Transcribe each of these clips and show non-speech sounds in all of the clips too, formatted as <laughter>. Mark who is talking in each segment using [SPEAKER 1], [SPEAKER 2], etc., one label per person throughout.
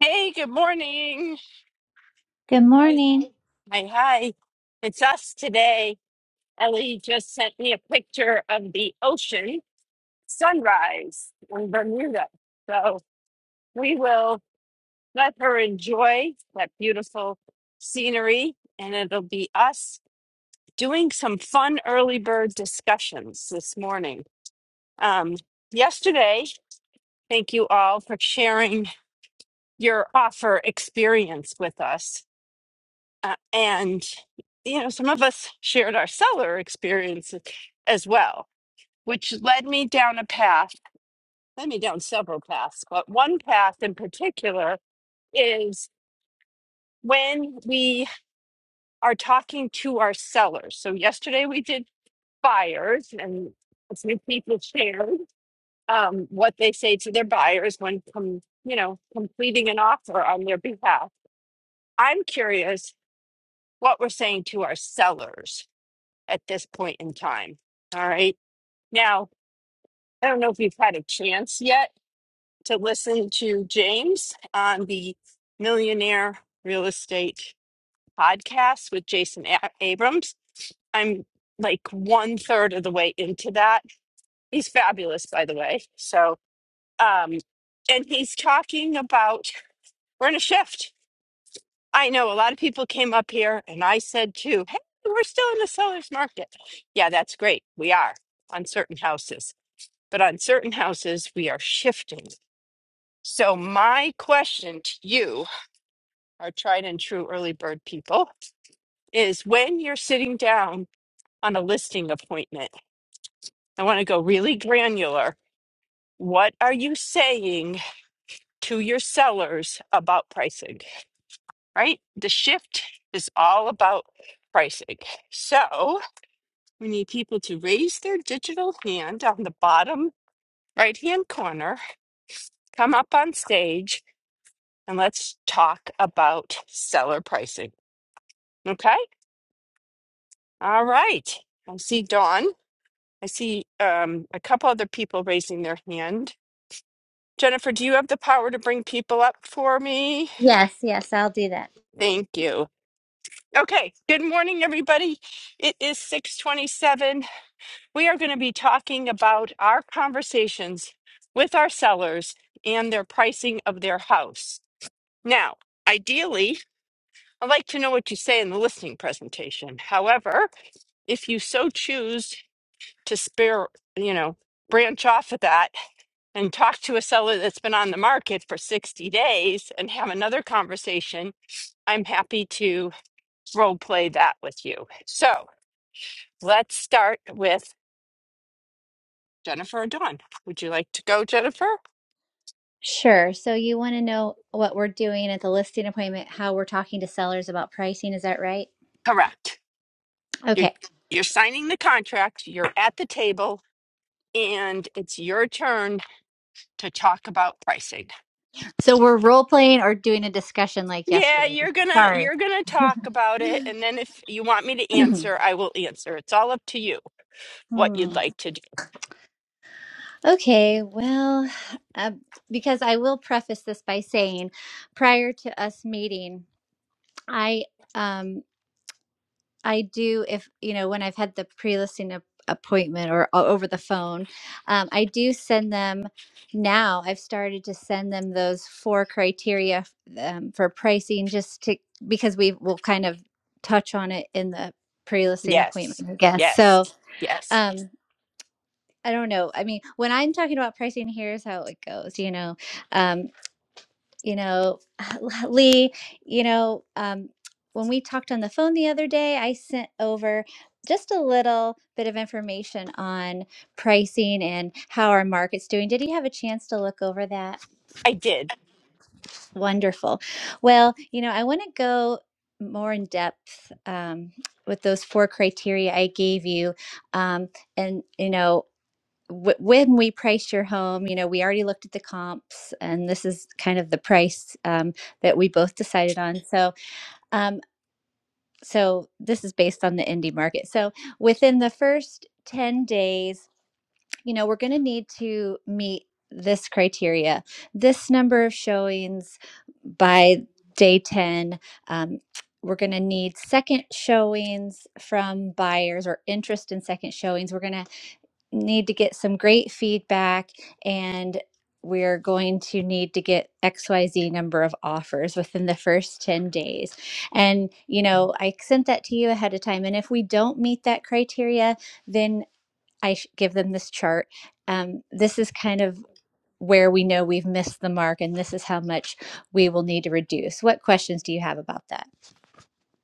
[SPEAKER 1] Hey, good morning.
[SPEAKER 2] Good
[SPEAKER 1] Hi,
[SPEAKER 2] morning.
[SPEAKER 1] hi, hi. It's us today. Ellie just sent me a picture of the ocean sunrise in Bermuda. So we will let her enjoy that beautiful scenery, and it'll be us doing some fun early bird discussions this morning. Um, yesterday, thank you all for sharing your offer experience with us Uh, and, you know, some of us shared our seller experiences as well, which led me down a path, led me down several paths, but one path in particular is when we are talking to our sellers. So yesterday we did buyers and a few people shared um, what they say to their buyers when, com- you know, completing an offer on their behalf. I'm curious what we're saying to our sellers at this point in time. All right. Now, I don't know if you've had a chance yet to listen to James on the Millionaire Real Estate podcast with Jason A- Abrams. I'm like one third of the way into that. He's fabulous, by the way. So, um, and he's talking about we're in a shift. I know a lot of people came up here and I said too, hey, we're still in the seller's market. Yeah, that's great. We are on certain houses. but on certain houses, we are shifting. So, my question to you, our tried and true early bird people, is when you're sitting down on a listing appointment, I want to go really granular. What are you saying to your sellers about pricing, right? The shift is all about pricing. So, we need people to raise their digital hand on the bottom right hand corner, come up on stage and let's talk about seller pricing. Okay. All right. I see Dawn. I see um, a couple other people raising their hand. Jennifer, do you have the power to bring people up for me?
[SPEAKER 2] Yes, yes, I'll do that.
[SPEAKER 1] Thank you. Okay. Good morning, everybody. It is 627. We are going to be talking about our conversations with our sellers and their pricing of their house. Now, ideally, I would like to know what you say in the listening presentation. However, if you so choose to spare, you know, branch off of that and talk to a seller that's been on the market for 60 days and have another conversation, I'm happy to role play that with you. So let's start with Jennifer or Dawn. Would you like to go, Jennifer?
[SPEAKER 2] Sure. So you want to know what we're doing at the listing appointment, how we're talking to sellers about pricing, is that right?
[SPEAKER 1] Correct. You're
[SPEAKER 2] Okay.
[SPEAKER 1] you're signing the contract, you're at the table, and it's your turn to talk about pricing.
[SPEAKER 2] So we're role playing or doing a discussion like
[SPEAKER 1] Yeah,
[SPEAKER 2] yesterday.
[SPEAKER 1] you're gonna
[SPEAKER 2] Sorry.
[SPEAKER 1] you're gonna talk about it, and then if you want me to
[SPEAKER 2] <clears throat>
[SPEAKER 1] answer, I will answer. It's all up to you what you'd
[SPEAKER 2] Hmm.
[SPEAKER 1] like to do.
[SPEAKER 2] Okay, well, uh, because I will preface this by saying prior to us meeting, I um, I do if you know when I've had the pre-listing ap- appointment or o- over the phone, um, I do send them now. I've started to send them those four criteria f- um, for pricing, just to because we will kind of touch on it in the pre-listing
[SPEAKER 1] Yes,
[SPEAKER 2] appointment, I guess. So
[SPEAKER 1] yes, yes.
[SPEAKER 2] um, I don't know. I mean, when I'm talking about pricing, here's how it goes. You know, um, you know, <laughs> Lee, you know, um, when we talked on the phone the other day, I sent over just a little bit of information on pricing and how our market's doing. Did you have a chance to look over that?
[SPEAKER 1] I did.
[SPEAKER 2] Wonderful. Well, you know, I want to go more in depth um, with those four criteria I gave you. Um, and, you know, w- when we price your home, you know, we already looked at the comps, and this is kind of the price um, that we both decided on. So, um, so this is based on the indie market. So, within the first ten days, you know, we're going to need to meet this criteria, this number of showings by day ten. Um, we're going to need second showings from buyers or interest in second showings. We're going to need to get some great feedback and we're going to need to get xyz number of offers within the first 10 days and you know i sent that to you ahead of time and if we don't meet that criteria then i sh- give them this chart um, this is kind of where we know we've missed the mark and this is how much we will need to reduce. What questions do you have about that?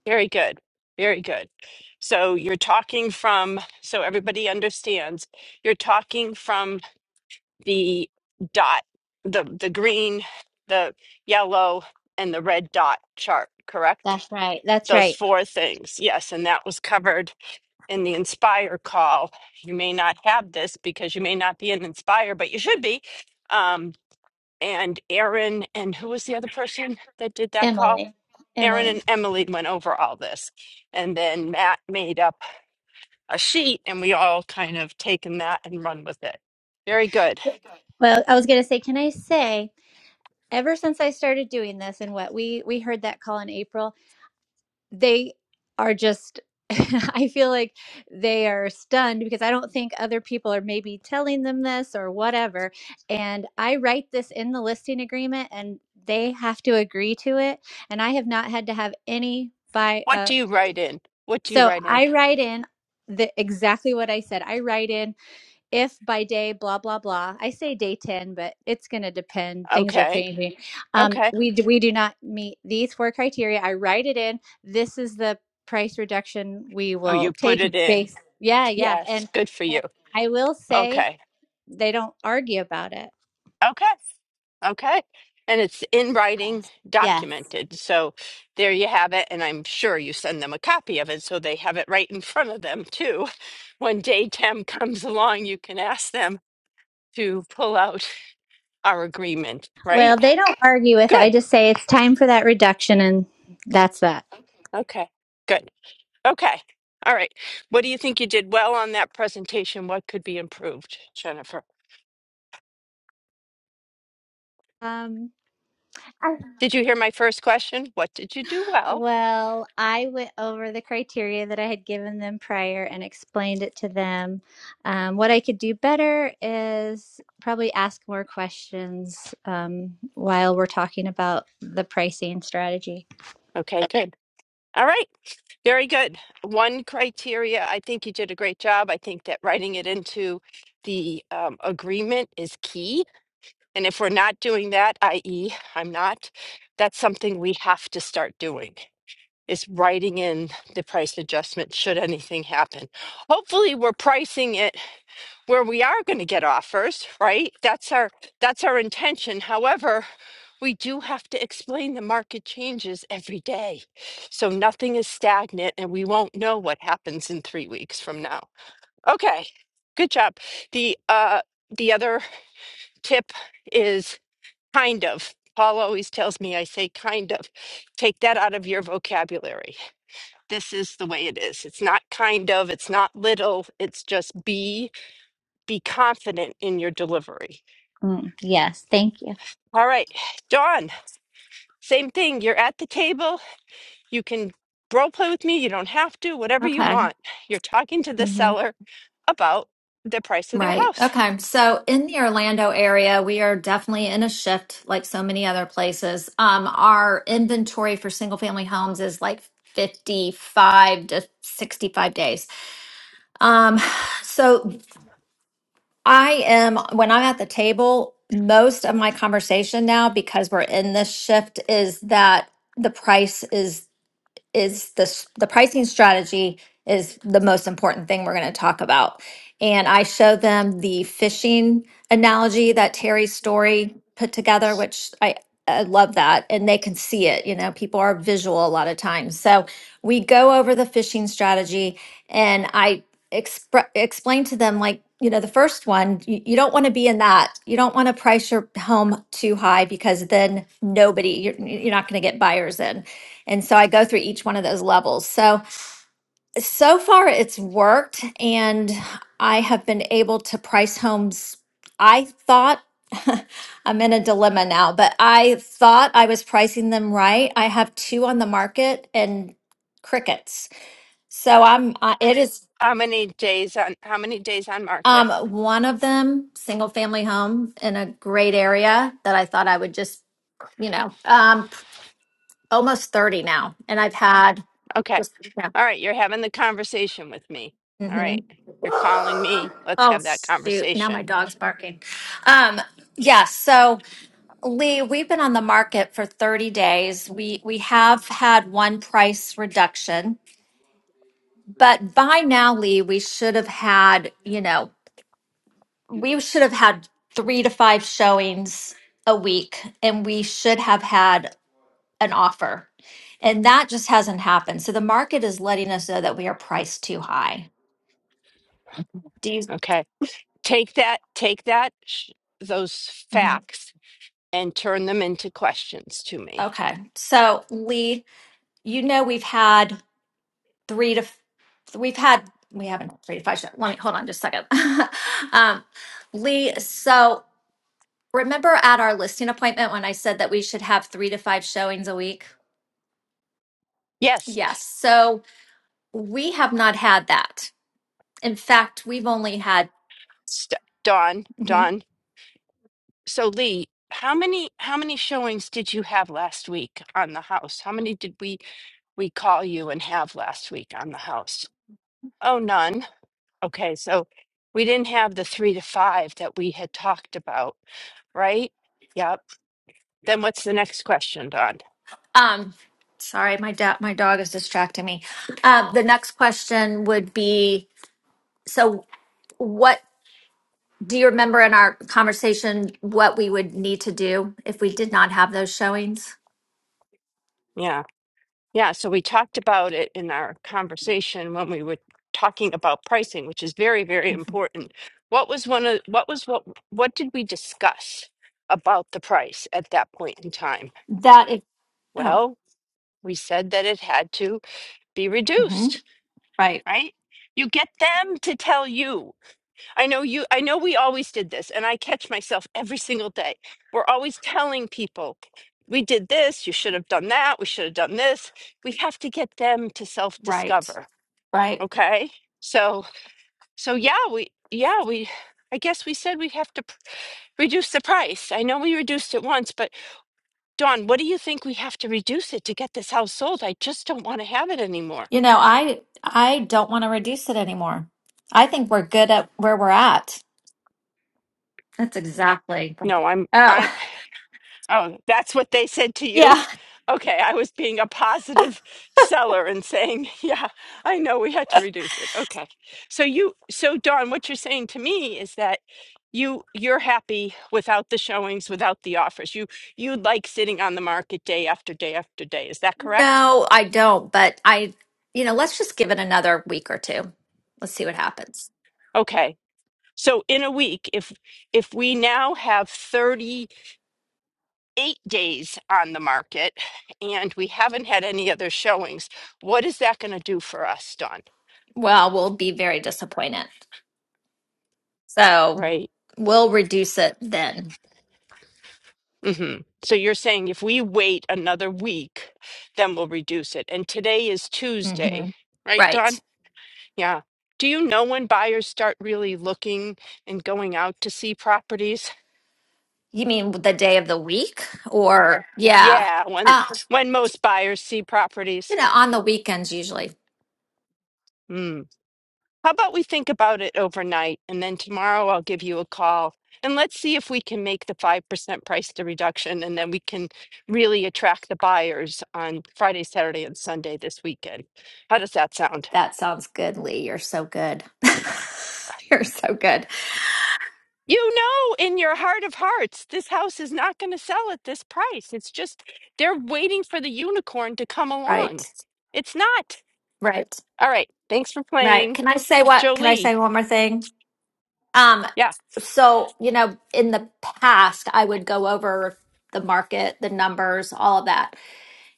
[SPEAKER 1] Very good. Very good. So you're talking from, so everybody understands, you're talking from the dot, the the green, the yellow, and the red dot chart, correct?
[SPEAKER 2] That's right. That's
[SPEAKER 1] Those
[SPEAKER 2] right.
[SPEAKER 1] four things. Yes, and that was covered in the Inspire call. You may not have this because you may not be an Inspire, but you should be. Um, and Aaron and who was the other person that did that call?
[SPEAKER 2] Emily.
[SPEAKER 1] Aaron
[SPEAKER 2] Emily.
[SPEAKER 1] and Emily went over all this. And then Matt made up a sheet and we all kind of taken that and run with it. Very good.
[SPEAKER 2] Well, I was going to say, can I say, ever since I started doing this and what we we heard that call in April they are just <laughs> I feel like they are stunned because I don't think other people are maybe telling them this or whatever. And I write this in the listing agreement and they have to agree to it. And I have not had to have any buy
[SPEAKER 1] What do
[SPEAKER 2] uh
[SPEAKER 1] you write in? What do you
[SPEAKER 2] so
[SPEAKER 1] write in?
[SPEAKER 2] I write in the exactly what I said. I write in if by day blah blah blah i say day 10 but it's going to depend things are
[SPEAKER 1] Okay.
[SPEAKER 2] changing um
[SPEAKER 1] Okay.
[SPEAKER 2] we do, we do not meet these four criteria i write it in this is the price reduction we
[SPEAKER 1] Oh,
[SPEAKER 2] will
[SPEAKER 1] you put
[SPEAKER 2] take
[SPEAKER 1] it
[SPEAKER 2] <laughs>
[SPEAKER 1] in.
[SPEAKER 2] base yeah yeah
[SPEAKER 1] Yes.
[SPEAKER 2] and,
[SPEAKER 1] Good for you.
[SPEAKER 2] and i will say
[SPEAKER 1] Okay.
[SPEAKER 2] they don't argue about it
[SPEAKER 1] Okay. Okay. And it's in writing,
[SPEAKER 2] yes yes
[SPEAKER 1] documented. So there you have it. And I'm sure you send them a copy of it so they have it right in front of them too. When day 10 <laughs> comes along, you can ask them to pull out our agreement, right?
[SPEAKER 2] well they don't argue with it i
[SPEAKER 1] Good.
[SPEAKER 2] just say it's time for that reduction and that's that
[SPEAKER 1] Okay. Good. Okay. All right. What do you think you did well on that presentation? What could be improved, Jennifer?
[SPEAKER 2] um I
[SPEAKER 1] Did you hear my first question? What did you do well?
[SPEAKER 2] Well, I went over the criteria that I had given them prior and explained it to them. Um, what I could do better is probably ask more questions um, while we're talking about the pricing strategy.
[SPEAKER 1] Okay, good. All right. Very good. One criteria, I think you did a great job. I think that writing it into the um, agreement is key. And if we're not doing that, i.e., I'm not, that's something we have to start doing is writing in the price adjustment should anything happen. Hopefully, we're pricing it where we are going to get offers, right? That's our that's our intention. However, we do have to explain the market changes every day. So nothing is stagnant and we won't know what happens in 3 weeks from now. Okay. Good job. The uh the other tip is kind of. Paul always tells me I say kind of. Take that out of your vocabulary. This is the way it is. It's not kind of, it's not little, it's just be be confident in your delivery.
[SPEAKER 2] Mm, yes, thank you.
[SPEAKER 1] All right, Dawn, same thing. You're at the table. You can role play with me. You don't have to, whatever you
[SPEAKER 3] Okay.
[SPEAKER 1] want. You're talking to the
[SPEAKER 3] hmm
[SPEAKER 1] seller about the price of their
[SPEAKER 3] Right.
[SPEAKER 1] house.
[SPEAKER 3] Okay. So in the Orlando area, we are definitely in a shift like so many other places. Um, our inventory for single family homes is like 55 to 65 days. Um, <sighs> so I am, when I'm at the table, most of my conversation now, because we're in this shift, is that the price is. is the s- the pricing strategy is the most important thing we're going to talk about. And I show them the fishing analogy that Terry Story put together, which I I love that, and they can see it. You know, people are visual a lot of times. So we go over the fishing strategy, and I expre- explain to them like you know the first one you, you don't want to be in that you don't want to price your home too high because then nobody you're, you're not going to get buyers in and so I go through each one of those levels. So, so far it's worked, and I have been able to price homes. I thought <laughs> I'm in a dilemma now, but I thought I was pricing them right. I have two on the market and crickets. So I'm, uh, it is.
[SPEAKER 1] How many days on how many days on market?
[SPEAKER 3] Um, one of them, single family home in a great area that I thought I would just, you know, um, almost 30 now. And I've had
[SPEAKER 1] Okay.
[SPEAKER 3] just, yeah.
[SPEAKER 1] All right, you're having the conversation with me. All
[SPEAKER 3] Mm-hmm.
[SPEAKER 1] right. You're calling me. Let's
[SPEAKER 3] Oh
[SPEAKER 1] have that
[SPEAKER 3] shoot! Now my
[SPEAKER 1] conversation.
[SPEAKER 3] dog's barking. Um, yeah. So Lee, we've been on the market for 30 days. We we have had one price reduction, but by now, Lee, we should have had you know we should have had three to five showings a week, and we should have had an offer, and that just hasn't happened. So the market is letting us know that we are priced too high.
[SPEAKER 1] Okay. Take that take that sh- those
[SPEAKER 3] Mhm.
[SPEAKER 1] facts and turn them into questions to me.
[SPEAKER 3] Okay. So Lee, you know we've had three to f- we've had we haven't had three to five Let me hold on just a second. <laughs> um, Lee, so remember at our listing appointment when I said that we should have three to five showings a week?
[SPEAKER 1] Yes.
[SPEAKER 3] Yes. So we have not had that. In fact, we've only had.
[SPEAKER 1] St- Dawn,
[SPEAKER 3] mhm.
[SPEAKER 1] Dawn. So Lee, how many how many showings did you have last week on the house? How many did we we call you and have last week on the house? Oh, none. Okay, so we didn't have the three to five that we had talked about, right? Yep. Then what's the next question, Dawn?
[SPEAKER 3] Um, sorry, my da- my dog is distracting me. Um, the next question would be: So, what do you remember in our conversation? What we would need to do if we did not have those showings?
[SPEAKER 1] Yeah. Yeah, so we talked about it in our conversation when we were talking about pricing, which is very, very important. What was one of what was what what did we discuss about the price at that point in time?
[SPEAKER 3] that if oh
[SPEAKER 1] Well, we said that it had to be
[SPEAKER 3] hmm
[SPEAKER 1] reduced,
[SPEAKER 3] right
[SPEAKER 1] right? You get them to tell you. I know you I know we always did this and I catch myself every single day. We're always telling people we did this, you should have done that, we should have done this. We have to get them to self
[SPEAKER 3] right
[SPEAKER 1] discover
[SPEAKER 3] right
[SPEAKER 1] Okay. So, so yeah, we, yeah, we, I guess we said we'd have to p- reduce the price. I know we reduced it once, but Dawn, what do you think we have to reduce it to get this house sold? I just don't want to have it anymore.
[SPEAKER 3] you know i i don't want to reduce it anymore i think we're good at where we're at that's exactly
[SPEAKER 1] No, I'm, I,
[SPEAKER 3] oh
[SPEAKER 1] Oh, that's what they said to
[SPEAKER 3] <laughs>
[SPEAKER 1] you?
[SPEAKER 3] yeah
[SPEAKER 1] Okay, I was being a positive seller and saying, <laughs> yeah, I know we had to reduce it. Okay. So you so Dawn, what you're saying to me is that you you're happy without the showings, without the offers. You you like sitting on the market day after day after day. Is that correct?
[SPEAKER 3] no i don't but i you know let's just give it another week or two let's see what happens
[SPEAKER 1] Okay. So in a week, if if we now have 38 days on the market and we haven't had any other showings, what is that going to do for us, Dawn?
[SPEAKER 3] well we'll be very disappointed so
[SPEAKER 1] Right.
[SPEAKER 3] we'll reduce it then
[SPEAKER 1] hmm So you're saying if we wait another week, then we'll reduce it. And today is Tuesday,
[SPEAKER 3] hmm
[SPEAKER 1] right, Don?
[SPEAKER 3] right
[SPEAKER 1] Yeah. Do you know when buyers start really looking and going out to see properties?
[SPEAKER 3] you mean the day of the week or yeah
[SPEAKER 1] Yeah, when
[SPEAKER 3] Uh,
[SPEAKER 1] when most buyers see properties.
[SPEAKER 3] You know, on the weekends usually.
[SPEAKER 1] Hmm. How about we think about it overnight and then tomorrow I'll give you a call and let's see if we can make the 5% price to reduction and then we can really attract the buyers on Friday, Saturday, and Sunday this weekend. How does that sound?
[SPEAKER 3] That sounds good, Lee. You're so good. <laughs> You're so good.
[SPEAKER 1] You know, in your heart of hearts, this house is not going to sell at this price. It's just they're waiting for the unicorn to come
[SPEAKER 3] Right.
[SPEAKER 1] along. It's not.
[SPEAKER 3] Right.
[SPEAKER 1] All right. Thanks for
[SPEAKER 3] Right.
[SPEAKER 1] playing.
[SPEAKER 3] Can I say what? Can I
[SPEAKER 1] Jolie.
[SPEAKER 3] say one more thing? Um,
[SPEAKER 1] Yeah.
[SPEAKER 3] so, you know, in the past, I would go over the market, the numbers, all of that.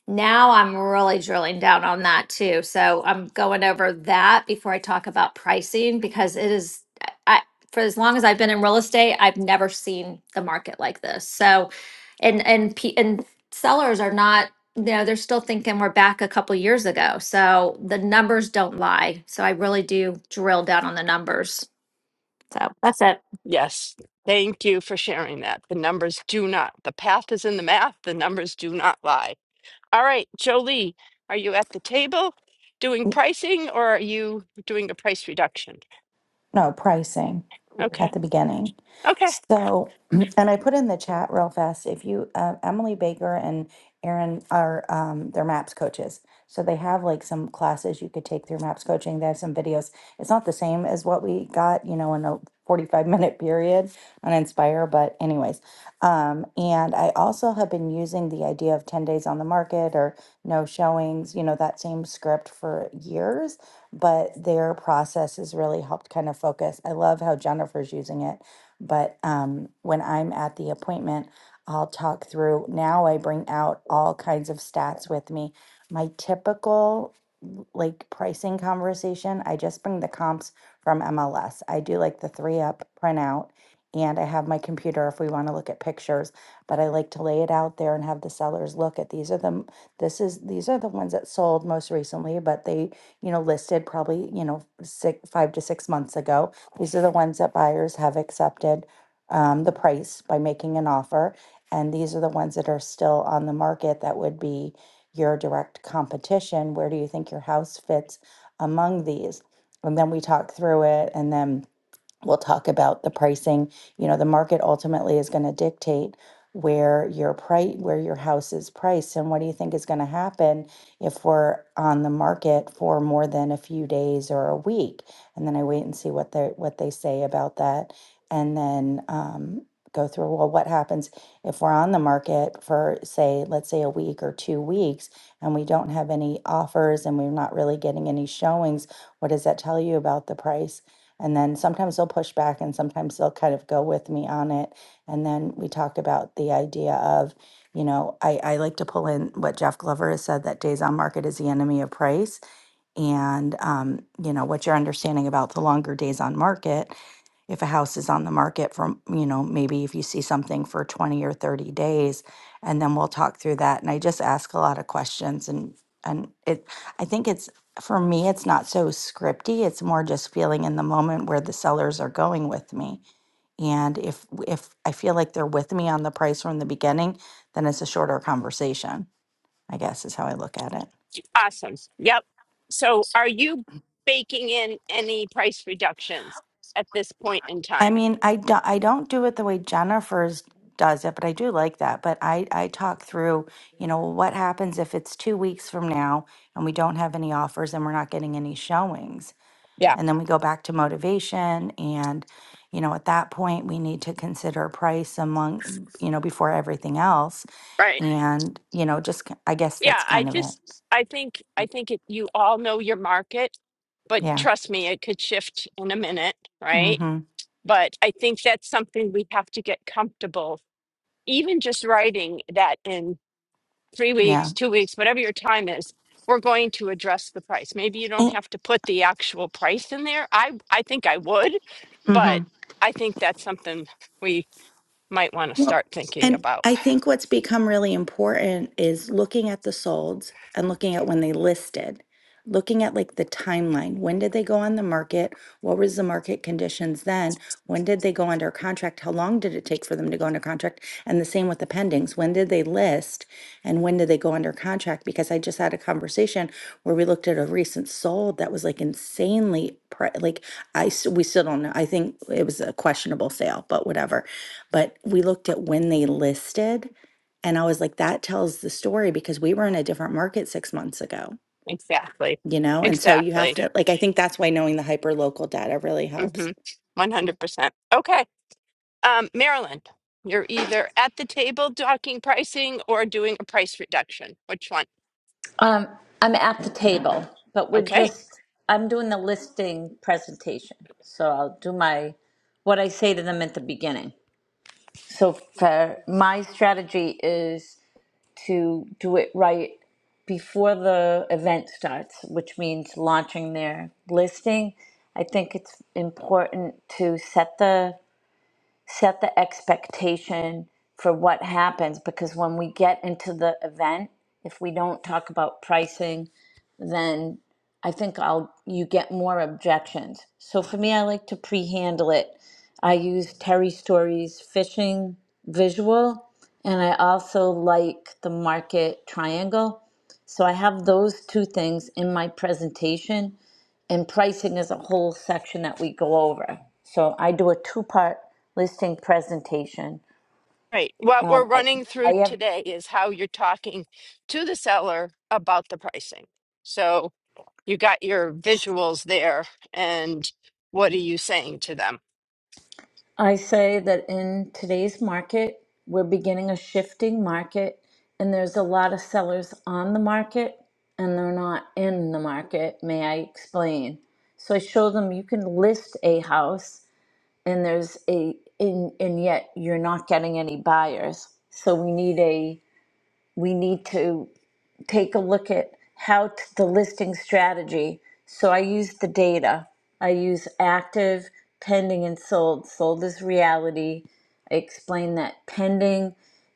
[SPEAKER 3] Now I'm really drilling down on that too. So I'm going over that before I talk about pricing because it is, I, I- for as long as I've been in real estate, I've never seen the market like this. So, and, and, pe- and sellers are not, you know, they're still thinking we're back a couple years ago. So the numbers don't lie. So I really do drill down on the numbers. So that's it.
[SPEAKER 1] Yes. Thank you for sharing that. The numbers do not, the path is in the math. The numbers do not lie. All right, Jolie, are you at the table doing pricing or are you doing a price reduction?
[SPEAKER 4] no pricing at
[SPEAKER 1] Okay.
[SPEAKER 4] the beginning.
[SPEAKER 1] Okay.
[SPEAKER 4] So, <clears throat> and I put in the chat real fast. If you, uh, Emily Baker and Aaron are um, their MAPS coaches, so they have like some classes you could take through MAPS coaching. They have some videos. It's not the same as what we got, you know, in a forty-five <laughs> minute period on Inspire, but anyways. Um, and I also have been using the idea of ten days on the market or no showings, you know, that same script for years but their process has really helped kind of focus. I love how Jennifer's using it, but um, when I'm at the appointment, I'll talk through. Now I bring out all kinds of stats with me. My typical like pricing conversation, I just bring the comps from MLS. I do like the three up printout, and I have my computer if we want to look at pictures. But I like to lay it out there and have the sellers look at these are the this is these are the ones that sold most recently, but they you know, listed probably, you know, six, five to six months ago. These are the ones that buyers have accepted um, the price by making an offer. And these are the ones that are still on the market that would be your direct competition. Where do you think your house fits among these? And then we talk through it and then We'll talk about the pricing. You know, the market ultimately is going to dictate where your price, where your house is priced. And what do you think is going to happen if we're on the market for more than a few days or a week? And then I wait and see what they what they say about that, and then um, go through. Well, what happens if we're on the market for say, let's say a week or two weeks, and we don't have any offers, and we're not really getting any showings? What does that tell you about the price? And then sometimes they'll push back and sometimes they'll kind of go with me on it. And then we talk about the idea of, you know, I, I like to pull in what Jeff Glover has said that days on market is the enemy of price and um, you know what your understanding about the longer days on market if a house is on the market for you know maybe if you see something for 20 or 30 days and then we'll talk through that and i just ask a lot of questions and and it i think it's for me it's not so scripty it's more just feeling in the moment where the sellers are going with me and if if i feel like they're with me on the price from the beginning then it's a shorter conversation i guess is how i look at it
[SPEAKER 1] Awesome. Yep. So are you baking in any price reductions at this point in
[SPEAKER 4] I
[SPEAKER 1] time?
[SPEAKER 4] mean, I don't, I don't do it the way Jennifer's does it, but I do like that. But I, I talk through, you know, well, what happens if it's two weeks from now and we don't have any offers and we're not getting any showings.
[SPEAKER 1] Yeah.
[SPEAKER 4] And then we go back to motivation. And, you know, at that point, we need to consider price among, you know, before everything else.
[SPEAKER 1] Right.
[SPEAKER 4] And, you know, just, k- I guess
[SPEAKER 1] Yeah,
[SPEAKER 4] that's
[SPEAKER 1] I
[SPEAKER 4] kind of it.
[SPEAKER 1] just I think I think it, you all know your market, but
[SPEAKER 4] Yeah.
[SPEAKER 1] trust me, it could shift in a minute,
[SPEAKER 4] Mm
[SPEAKER 1] right?
[SPEAKER 4] hmm.
[SPEAKER 1] But I think that's something we have to get comfortable. Even just writing that in three
[SPEAKER 4] Yeah.
[SPEAKER 1] weeks, two weeks, whatever your time is, we're going to address the price. Maybe you don't have to put the actual price in there. I I think I would,
[SPEAKER 4] Mm
[SPEAKER 1] but I think that's something we might want to
[SPEAKER 4] Well,
[SPEAKER 1] start thinking
[SPEAKER 4] and
[SPEAKER 1] about.
[SPEAKER 4] I think what's become really important is looking at the solds and looking at when they listed, looking at like the timeline. When did they go on the market? What was the market conditions then? When did they go under contract? How long did it take for them to go under contract? And the same with the pendings. When did they list and when did they go under contract? Because I just had a conversation where we looked at a recent sold that was like insanely pri like I s- we still don't know. I think it was a questionable sale, but whatever but we looked at when they listed, and I was like, that tells the story because we were in a different market six months ago,
[SPEAKER 1] Exactly.
[SPEAKER 4] you know? And so you have
[SPEAKER 1] Exactly.
[SPEAKER 4] to, like, I think that's why knowing the hyper local data really
[SPEAKER 1] Mhm.
[SPEAKER 4] helps.
[SPEAKER 1] One hundred percent. Okay. Um, Maryland, you're either at the table talking pricing or doing a price reduction. Which one?
[SPEAKER 5] Um, I'm at the table, but we're
[SPEAKER 1] Okay.
[SPEAKER 5] just, I'm doing the listing presentation. So I'll do my, what I say to them at the beginning. So for my strategy is to do it right before the event starts, which means launching their listing. I think it's important to set the set the expectation for what happens because when we get into the event, if we don't talk about pricing then I think I'll you get more objections. So for me, I like to pre-handle it. I use Terry Story's fishing visual, and I also like the market triangle. So I have those two things in my presentation, and pricing is a whole section that we go over. So I do a two-part listing presentation.
[SPEAKER 1] Right. What
[SPEAKER 5] Um,
[SPEAKER 1] we're
[SPEAKER 5] I,
[SPEAKER 1] running
[SPEAKER 5] I
[SPEAKER 1] through
[SPEAKER 5] have
[SPEAKER 1] today is how you're talking to the seller about the pricing. So you got your visuals there and what are you saying to them?
[SPEAKER 5] I say that in today's market, we're beginning a shifting market, and there's a lot of sellers on the market and they're not in the market. May I explain? So I show them you can list a house and there's a in and and yet you're not getting any buyers. So we need a we need to take a look at how t- the listing strategy. So I use the data. I use active, pending, and sold. Sold is reality. I explain that pending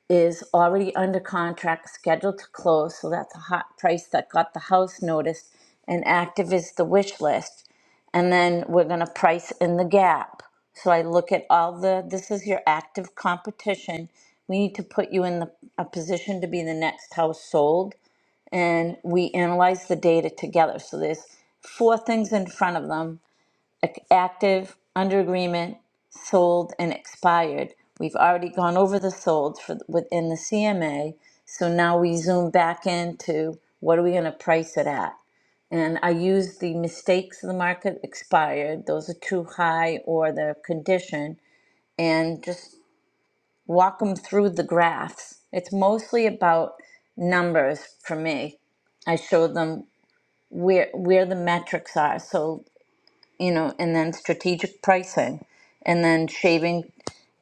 [SPEAKER 5] is already under contract, scheduled to close. So that's a hot price that got the house noticed. And active is the wish list. And then we're going to price in the gap. So I look at all the, this is your active competition. We need to put you in the, a position to be the next house sold and we analyzed the data together. So there's four things in front of them: active, under agreement, sold, and expired. We've already gone over the sold for within the CMA. So now we zoom back into what are we going to price it at? And I use the mistakes of the market expired; those are too high or the condition, and just walk them through the graphs. It's mostly about numbers for me. I showed them where where the metrics are so you know and then strategic pricing and then shaving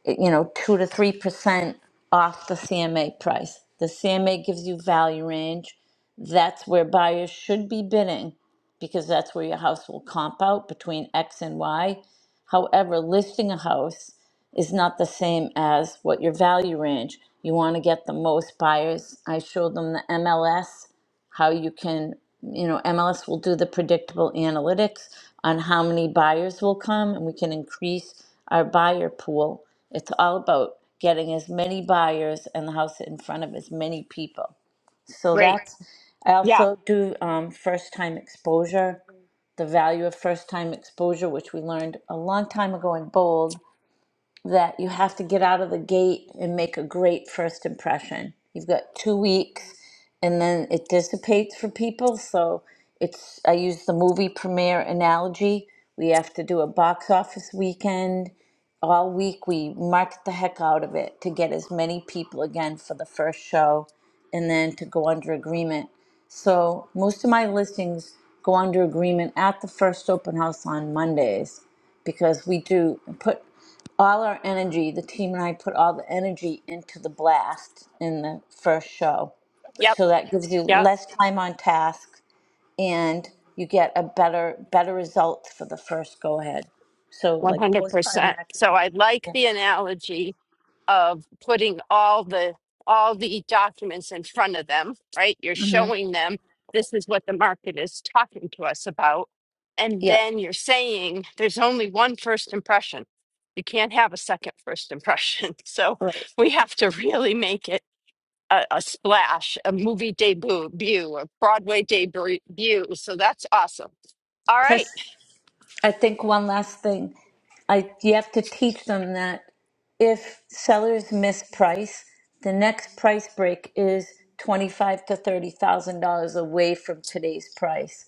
[SPEAKER 5] you know 2 to 3% off the CMA price the CMA gives you value range that's where buyers should be bidding because that's where your house will comp out between x and y however listing a house is not the same as what your value range you want to get the most buyers i showed them the MLS how you can, you know, MLS will do the predictable analytics on how many buyers will come and we can increase our buyer pool. It's all about getting as many buyers and the house in front of as many people. So
[SPEAKER 1] Great.
[SPEAKER 5] that's, I
[SPEAKER 1] Yeah.
[SPEAKER 5] also do um, first time exposure, the value of first time exposure, which we learned a long time ago in Bold that you have to get out of the gate and make a great first impression. You've got two weeks and then it dissipates for people. So it's, I use the movie premiere analogy. We have to do a box office weekend. All week we market the heck out of it to get as many people again for the first show and then to go under agreement. So most of my listings go under agreement at the first open house on Mondays because we do put all our energy, the team and I put all the energy into the blast in the first show.
[SPEAKER 1] Yep.
[SPEAKER 5] So that gives you
[SPEAKER 1] Yep.
[SPEAKER 5] less time on task and you get a better better result for the first go ahead. So like post
[SPEAKER 1] 100%. So
[SPEAKER 5] marketing.
[SPEAKER 1] I like
[SPEAKER 5] Yeah.
[SPEAKER 1] the analogy of putting all the all the documents in front of them right you're
[SPEAKER 5] hmm
[SPEAKER 1] showing them this is what the market is talking to us about and
[SPEAKER 5] Yeah.
[SPEAKER 1] then you're saying there's only one first impression you can't have a second first impression <laughs> so
[SPEAKER 5] Right.
[SPEAKER 1] we have to really make it a, a splash a movie debut view, a broadway debut so that's awesome all right
[SPEAKER 5] Plus I think one last thing. I you have to teach them that if sellers miss price, the next price break is twenty five to thirty thousand dollars away from today's price.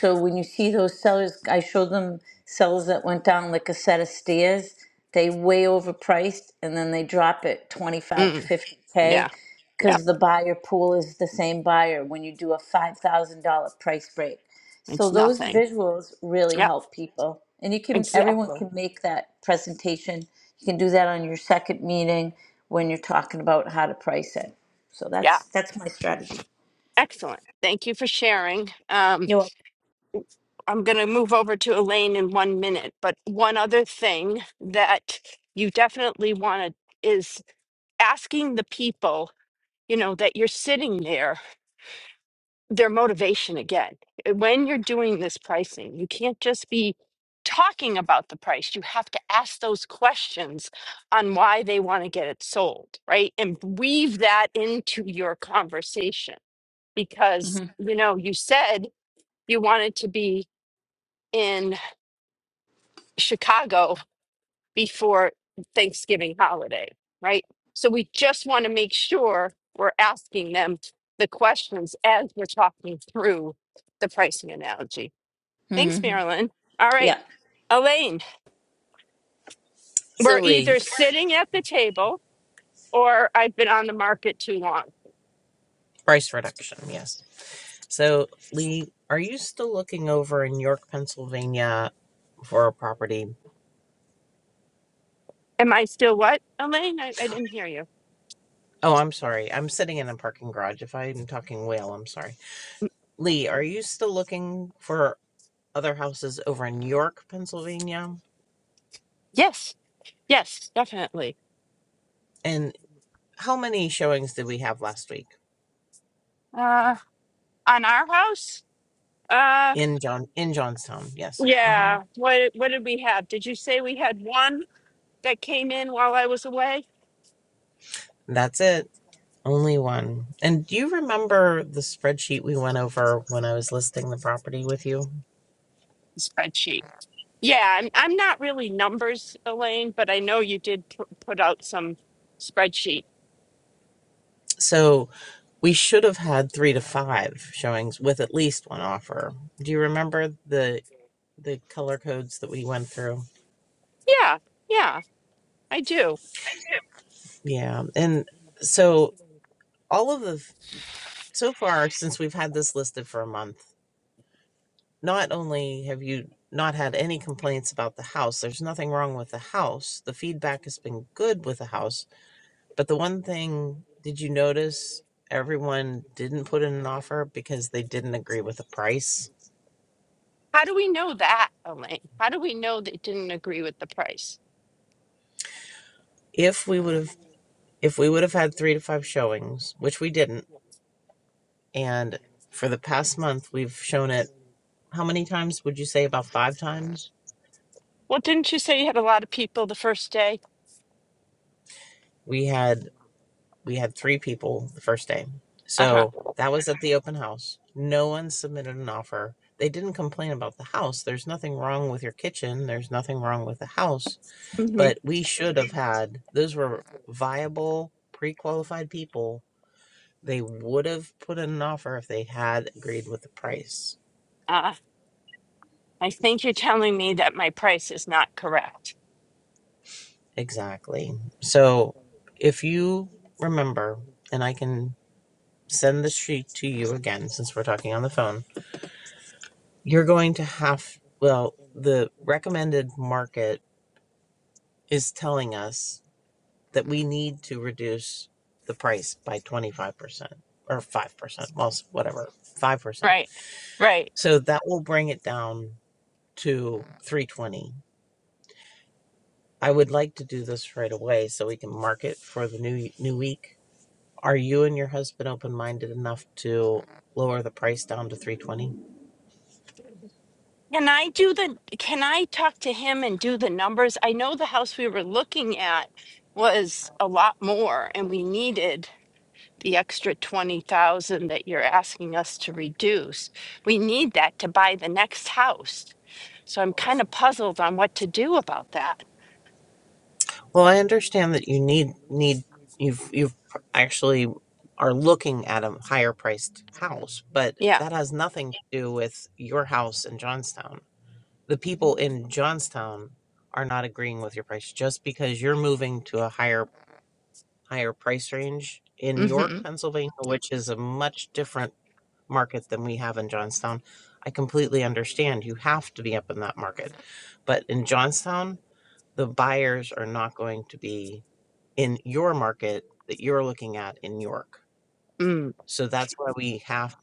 [SPEAKER 5] So when you see those sellers, I show them sellers that went down like a set of stairs. They way overpriced and then they drop it 25 to
[SPEAKER 1] mm, yeah
[SPEAKER 5] 50K
[SPEAKER 1] yeah
[SPEAKER 5] because the buyer pool is the same buyer when you do a $5,000 price break. So
[SPEAKER 1] it's
[SPEAKER 5] those
[SPEAKER 1] nothing
[SPEAKER 5] visuals really
[SPEAKER 1] yeah
[SPEAKER 5] help people. And you can, everyone
[SPEAKER 1] exactly
[SPEAKER 5] can make that presentation. You can do that on your second meeting when you're talking about how to price it. So
[SPEAKER 1] yeah
[SPEAKER 5] that's, that's my strategy.
[SPEAKER 1] Excellent. Thank you for sharing. Um,
[SPEAKER 5] You're
[SPEAKER 1] I'm going to move over to Elaine in one minute, but one other thing that you definitely want to is asking the people, you know, that you're sitting there, their motivation again. Uh, When you're doing this pricing, you can't just be talking about the price. You have to ask those questions on why they want to get it sold, right? And weave that into your conversation because,
[SPEAKER 5] welcome.
[SPEAKER 1] you know, you said you wanted to be in Chicago before Thanksgiving holiday, right? So we just want to make sure we're asking them the questions as we're talking through the pricing analogy.
[SPEAKER 5] hmm
[SPEAKER 1] Thanks,
[SPEAKER 5] hmm
[SPEAKER 1] Marilyn. All right,
[SPEAKER 5] Yeah.
[SPEAKER 1] Elaine,
[SPEAKER 6] So
[SPEAKER 1] we're
[SPEAKER 6] Lee,
[SPEAKER 1] either sitting at the table or I've been on the market too long.
[SPEAKER 6] price reduction, yes. So Lee, are you still looking over in York, Pennsylvania for a property?
[SPEAKER 1] Am I still what, Elaine? I, I didn't hear you.
[SPEAKER 6] Oh, I'm sorry. I'm sitting in a parking garage. If I'm talking whale, I'm sorry. Lee, are you still looking for other houses over in York, Pennsylvania?
[SPEAKER 1] Yes, yes, definitely.
[SPEAKER 6] And how many showings did we have last week?
[SPEAKER 1] Uh, On our house? Uh,
[SPEAKER 6] in John in Johnstown. Yes, hmm
[SPEAKER 1] yeah. What what did we have? Did you say we had one that came in while I was away?
[SPEAKER 6] that's it. Only one. And do you remember the spreadsheet we went over when I was listing the property with you?
[SPEAKER 1] Spreadsheet. Yeah, I'm I'm not really numbers, Elaine, but I know you did pu- put out some spreadsheet.
[SPEAKER 6] So We should have had three to five showings with at least one offer. Do you remember the the color codes that we went through?
[SPEAKER 1] Yeah, yeah, I do.
[SPEAKER 6] Yeah, and so all of the so far since we've had this listed for a month, not only have you not had any complaints about the house, there's nothing wrong with the house. The feedback has been good with the house, but the one thing did you notice everyone didn't put in an offer because they didn't agree with the price?
[SPEAKER 1] How do we know that, Elaine? How do we know they didn't agree with the price?
[SPEAKER 6] If we would have If we would have had three to five showings, which we didn't, and for the past month we've shown it how many times would you say about five times?
[SPEAKER 1] Well, didn't you say you had a lot of people the first day?
[SPEAKER 6] We had we had three people the first day.
[SPEAKER 1] Uh-huh.
[SPEAKER 6] So that was at the open house. No one submitted an offer. They didn't complain about the house. There's nothing wrong with your kitchen. There's nothing wrong with the house.
[SPEAKER 1] hmm
[SPEAKER 6] But we should have had those were viable, pre qualified people. They would have put in an offer if they had agreed with the price
[SPEAKER 1] Uh, I think you're telling me that my price is not correct.
[SPEAKER 6] Exactly. So if you remember, and I can send the sheet to you again since we're talking on the phone, you're going to have, well, the recommended market is telling us that we need to reduce the price by 25% or 5%, well, s- whatever, 5%.
[SPEAKER 1] Right. Right.
[SPEAKER 6] So that will bring it down to 320. I would like to do this right away so we can mark it for the new new week Are you and your husband open minded enough to lower the price down to 320?
[SPEAKER 1] Can I do the can I talk to him and do the numbers? I know the house we were looking at was a lot more and we needed the extra 20,000 that you're asking us to reduce. We need that to buy the next house. So I'm kind of puzzled on what to do about that.
[SPEAKER 6] Well, I understand that you need need you've you've actually are looking at a higher priced house, but
[SPEAKER 1] Yeah.
[SPEAKER 6] that has nothing to do with your house in Johnstown. The people in Johnstown are not agreeing with your price just because you're moving to a higher higher price range in York,
[SPEAKER 1] Mhm.
[SPEAKER 6] Pennsylvania, which is a much different market than we have in Johnstown. I completely understand you have to be up in that market. But in Johnstown, the buyers are not going to be in your market that you're looking at in York.
[SPEAKER 1] Mm.
[SPEAKER 6] So that's why we have,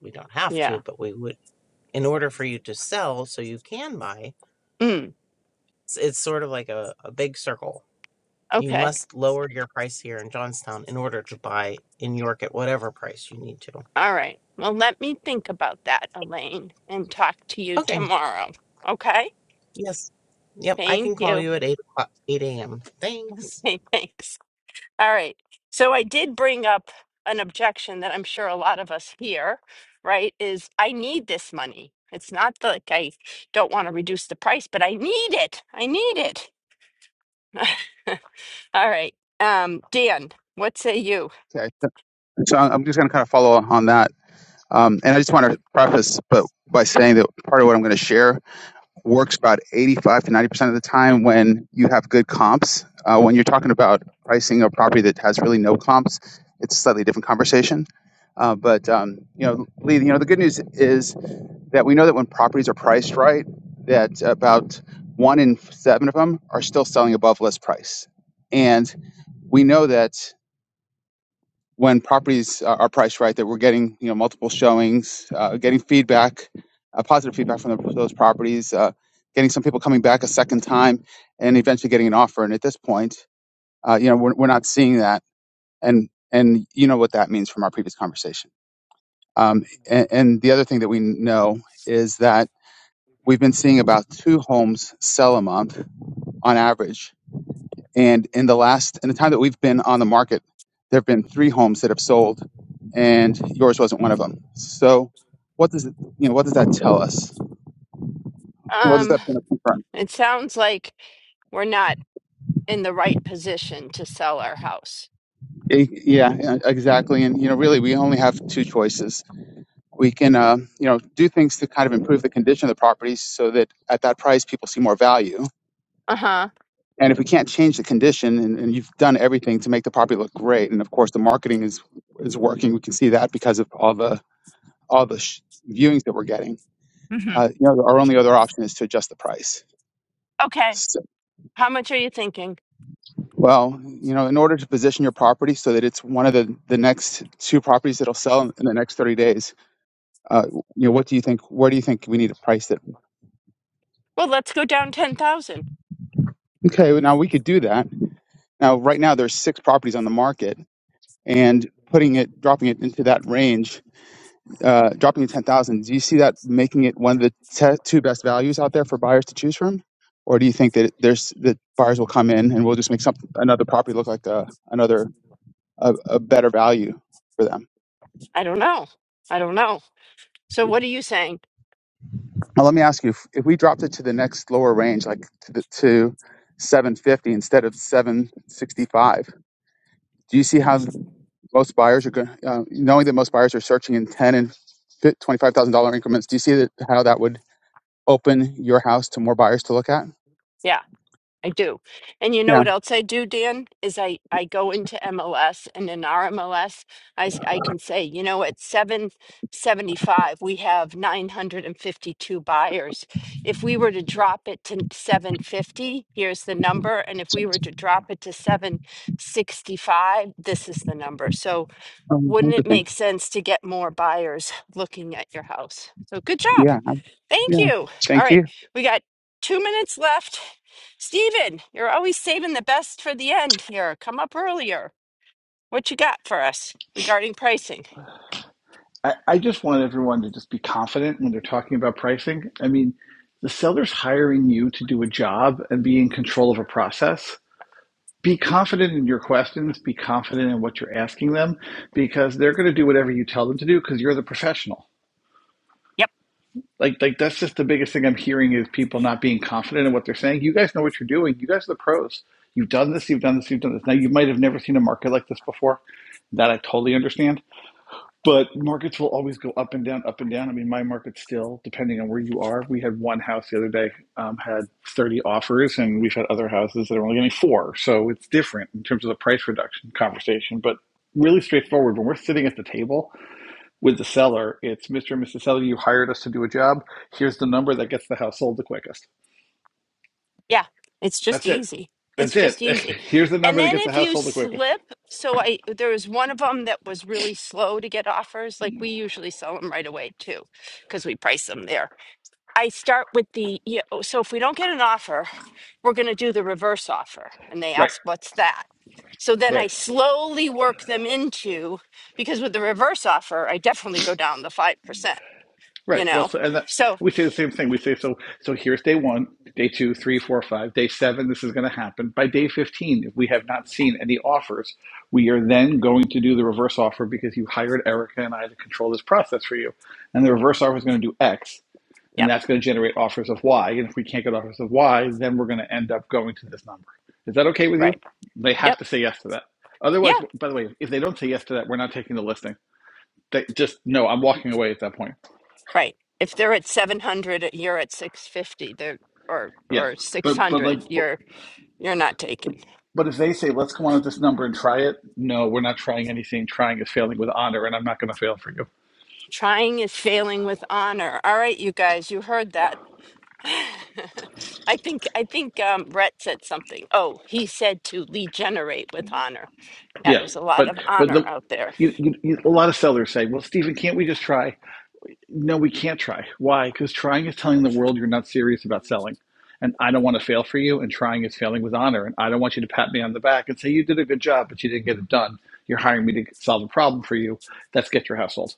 [SPEAKER 6] we don't have
[SPEAKER 1] Yeah.
[SPEAKER 6] to, but we would, in order for you to sell so you can buy,
[SPEAKER 1] Mm.
[SPEAKER 6] it's, it's sort of like a, a big circle. You
[SPEAKER 1] Okay.
[SPEAKER 6] must lower your price here in Johnstown in order to buy in York at whatever price you need to.
[SPEAKER 1] All right. Well, let me think about that, Elaine, and talk to you
[SPEAKER 6] Okay,
[SPEAKER 1] tomorrow. Okay?
[SPEAKER 6] Yes. Yep. I
[SPEAKER 1] Thank
[SPEAKER 6] can call
[SPEAKER 1] you.
[SPEAKER 6] you at 8 o'clock, 8 a.m.
[SPEAKER 1] <laughs>
[SPEAKER 6] Thanks.
[SPEAKER 1] Okay, thanks. All right. So I did bring up an objection that I'm sure a lot of us hear, right? Is I need this money. It's not that, like I don't want to reduce the price, but I need it. I need it. <laughs> All right. Um, Dan, what say you?
[SPEAKER 7] Okay. So so I'm just going to kind of follow on that. Um, and I just want to preface but by saying that part of what I'm going to share works about 85 to 90% of the time when you have good comps. Uh, when you're talking about pricing a property that has really no comps, it's a slightly different conversation. Uh, but um, you know, Lee, you know, the good news is that we know that when properties are priced right, that about one in seven of them are still selling above list price, and we know that when properties uh, are priced right that we're getting you know multiple showings, uh, getting feedback, uh, positive feedback from the, those properties, uh, getting some people coming back a second time, and eventually getting an offer. And at this point, uh, you know we're, we're not seeing that, and and you know what that means from our previous conversation. Um, and, and the other thing that we know is that we've been seeing about two homes sell a month on average and in the last, in the time that we've been on the market, there have been three homes that have sold, and yours wasn't one of them. So, what does it, you know? What does that tell us? What does
[SPEAKER 1] Um,
[SPEAKER 7] that kind of confirm?
[SPEAKER 1] it sounds like we're not in the right position to sell our house.
[SPEAKER 7] E- Yeah, yeah, exactly. And you know, really, we only have two choices. We can, uh, you know, do things to kind of improve the condition of the property so that at that price, people see more value.
[SPEAKER 1] Uh-huh.
[SPEAKER 7] And if we can't change the condition, and, and you've done everything to make the property look great, and of course, the marketing is is working. We can see that because of all the all the sh- viewings that we're getting
[SPEAKER 1] hmm
[SPEAKER 7] Uh, you know, our only other option is to adjust the price.
[SPEAKER 1] Okay.
[SPEAKER 7] So,
[SPEAKER 1] How much are you thinking?
[SPEAKER 7] well, you know, in order to position your property so that it's one of the, the next two properties that'll sell in the next 30 days, uh, you know, what do you think? Where do you think we need to price it?
[SPEAKER 1] Well, let's go down 10,000.
[SPEAKER 7] Okay, well, now we could do that. Now, right now, there's six properties on the market, and putting it, dropping it into that range, uh, dropping it 10,000. Do you see that making it one of the te- two best values out there for buyers to choose from? Or do you think that there's that buyers will come in and we'll just make some another property look like a, another a, a better value for them.
[SPEAKER 1] I don't know. I don't know. So what are you saying?
[SPEAKER 7] Now, let me ask you: if, if we dropped it to the next lower range, like to, the, to 750 instead of 765, do you see how most buyers are going? Uh, knowing that most buyers are searching in 10 and $25,000 increments, do you see that, how that would open your house to more buyers to look at?
[SPEAKER 1] Yeah, I do. And you know
[SPEAKER 7] Yeah,
[SPEAKER 1] what else I do, Dan? Is I, I go into MLS and in our MLS, I, s- I can say, you know, at 775, we have 952 buyers. If we were to drop it to 750, here's the number. And if we were to drop it to 765, this is the number. So
[SPEAKER 7] um,
[SPEAKER 1] wouldn't it
[SPEAKER 7] interesting.
[SPEAKER 1] make sense to get more buyers looking at your house? So good job.
[SPEAKER 7] Yeah,
[SPEAKER 1] Thank
[SPEAKER 7] yeah.
[SPEAKER 1] you. All
[SPEAKER 7] Thank
[SPEAKER 1] right.
[SPEAKER 7] you.
[SPEAKER 1] We got two minutes left. Steven, you're always saving the best for the end here. Come up earlier. What you got for us regarding pricing?
[SPEAKER 8] I, I just want everyone to just be confident when they're talking about pricing. I mean, the seller's hiring you to do a job and be in control of a process. Be confident in your questions, be confident in what you're asking them because they're going to do whatever you tell them to do because you're the professional.
[SPEAKER 1] Yep.
[SPEAKER 8] Like like that's just the biggest thing I'm hearing is people not being confident in what they're saying. You guys know what you're doing. You guys are the pros. You've done this, you've done this, you've done this. Now you might have never seen a market like this before. That I totally understand but markets will always go up and down, up and down. I mean, my market still, depending on where you are, we had one house the other day um, had 30 offers, and we've had other houses that are only getting four. So it's different in terms of the price reduction conversation, but really straightforward. When we're sitting at the table with the seller, it's Mr. and Mrs. Seller, you hired us to do a job. Here's the number that gets the house sold the quickest.
[SPEAKER 1] Yeah. It's just
[SPEAKER 8] That's it.
[SPEAKER 1] easy. It's
[SPEAKER 8] That's it.
[SPEAKER 1] just
[SPEAKER 8] <laughs>
[SPEAKER 1] easy.
[SPEAKER 8] Here's the
[SPEAKER 1] And
[SPEAKER 8] number that
[SPEAKER 1] then
[SPEAKER 8] gets the
[SPEAKER 1] if
[SPEAKER 8] house
[SPEAKER 1] you
[SPEAKER 8] sold the quickest.
[SPEAKER 1] slip, so I there was one of them that was really slow to get offers. Like we usually sell them right away too, because we price them there. I start with the yeah, oh, so if we don't get an offer, we're going to do the reverse offer. And they
[SPEAKER 8] Right,
[SPEAKER 1] ask, what's that? So then
[SPEAKER 8] right.
[SPEAKER 1] I slowly work them into because with the reverse offer, I definitely go down the 5%, you
[SPEAKER 8] Right. Well,
[SPEAKER 1] know?
[SPEAKER 8] so and that,
[SPEAKER 1] So,
[SPEAKER 8] we say the same thing. We say so. So here's day one, day two, three, four, five, day seven. This is going to happen by day fifteen. If we have not seen any offers, we are then going to do the reverse offer because you hired Erica and I to control this process for you. And the reverse offer is going to do X, and
[SPEAKER 1] yep,
[SPEAKER 8] that's going to generate offers of Y. And if we can't get offers of Y, then we're going to end up going to this number. Is that okay with
[SPEAKER 1] right.
[SPEAKER 8] you? They have
[SPEAKER 1] Yep.
[SPEAKER 8] to say yes to that.
[SPEAKER 1] Yeah,
[SPEAKER 8] Otherwise, by the way, if they don't say yes to that, we're not taking the listing. They, just no. I'm walking away at that point.
[SPEAKER 1] right. If they're at 700, you're at 650, they're, or,
[SPEAKER 8] Yeah,
[SPEAKER 1] or
[SPEAKER 8] but but like
[SPEAKER 1] 600,
[SPEAKER 8] but,
[SPEAKER 1] you're, you're not taken.
[SPEAKER 8] but if they say let's come on with this number and try it, no, we're not trying anything. Trying is failing with honor, and I'm not going to fail for you.
[SPEAKER 1] Trying is failing with honor. All right, you guys, you heard that. <laughs> I think I think um, Brett said something. Oh, he said to regenerate with honor. Yeah,
[SPEAKER 8] Yeah,
[SPEAKER 1] there's a lot
[SPEAKER 8] but
[SPEAKER 1] of
[SPEAKER 8] but
[SPEAKER 1] honor
[SPEAKER 8] the
[SPEAKER 1] out there.
[SPEAKER 8] you, you, you, a lot of sellers say, well, Stephen, can't we just try? No, we can't try. Why? Because trying is telling the world you're not serious about selling. And I don't want to fail for you, and trying is failing with honor. And I don't want you to pat me on the back and say, You did a good job, but you didn't get it done. You're hiring me to solve a problem for you. That's get your household.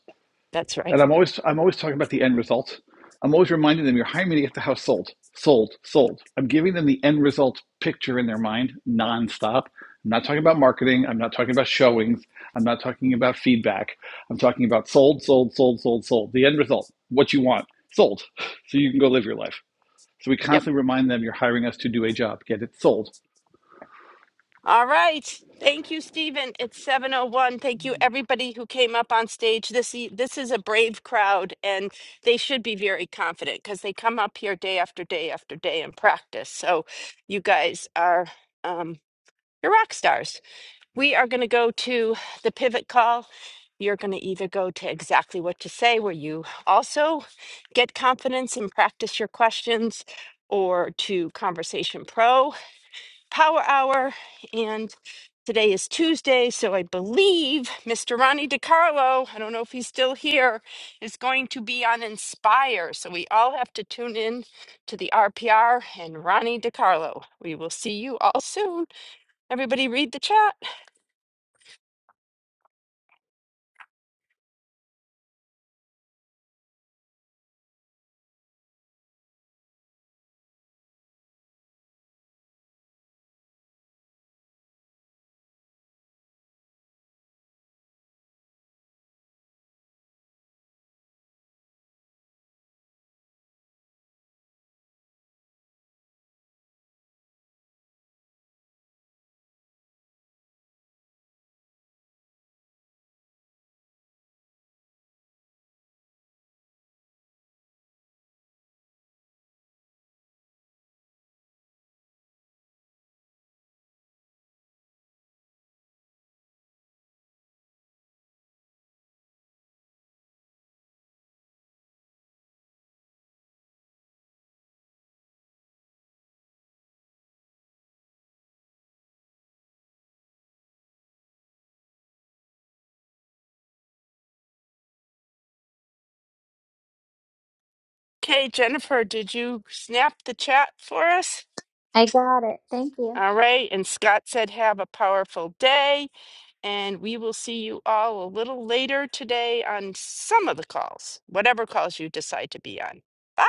[SPEAKER 1] That's
[SPEAKER 8] And
[SPEAKER 1] right.
[SPEAKER 8] I'm always I'm always talking about the end result. I'm always reminding them you're hiring me to get the house sold, sold, sold. I'm giving them the end result picture in their mind nonstop. I'm not talking about marketing. I'm not talking about showings. I'm not talking about feedback. I'm talking about sold, sold, sold, sold, sold. The end result, what you want, sold, <laughs> so you can go live your life. So we
[SPEAKER 1] Yep.
[SPEAKER 8] constantly remind them you're hiring us to do a job, get it sold.
[SPEAKER 1] All right. Thank you, Stephen. It's 7:01. Thank you everybody who came up on stage. This e- this is a brave crowd and they should be very confident because they come up here day after day after day and practice. So you guys are um you're rock stars. We are going to go to the pivot call. You're going to either go to exactly what to say, where you also get confidence and practice your questions, or to Conversation Pro Power Hour. And today is Tuesday, so I believe Mr. Ronnie DiCarlo, I don't know if he's still here, is going to be on Inspire. So we all have to tune in to the RPR and Ronnie DiCarlo. We will see you all soon. Everybody read the chat. Okay, Jennifer, did you snap the chat for us?
[SPEAKER 2] I got it. Thank you.
[SPEAKER 1] All right. And Scott said, have a powerful day. And we will see you all a little later today on some of the calls, whatever calls you decide to be on. Bye.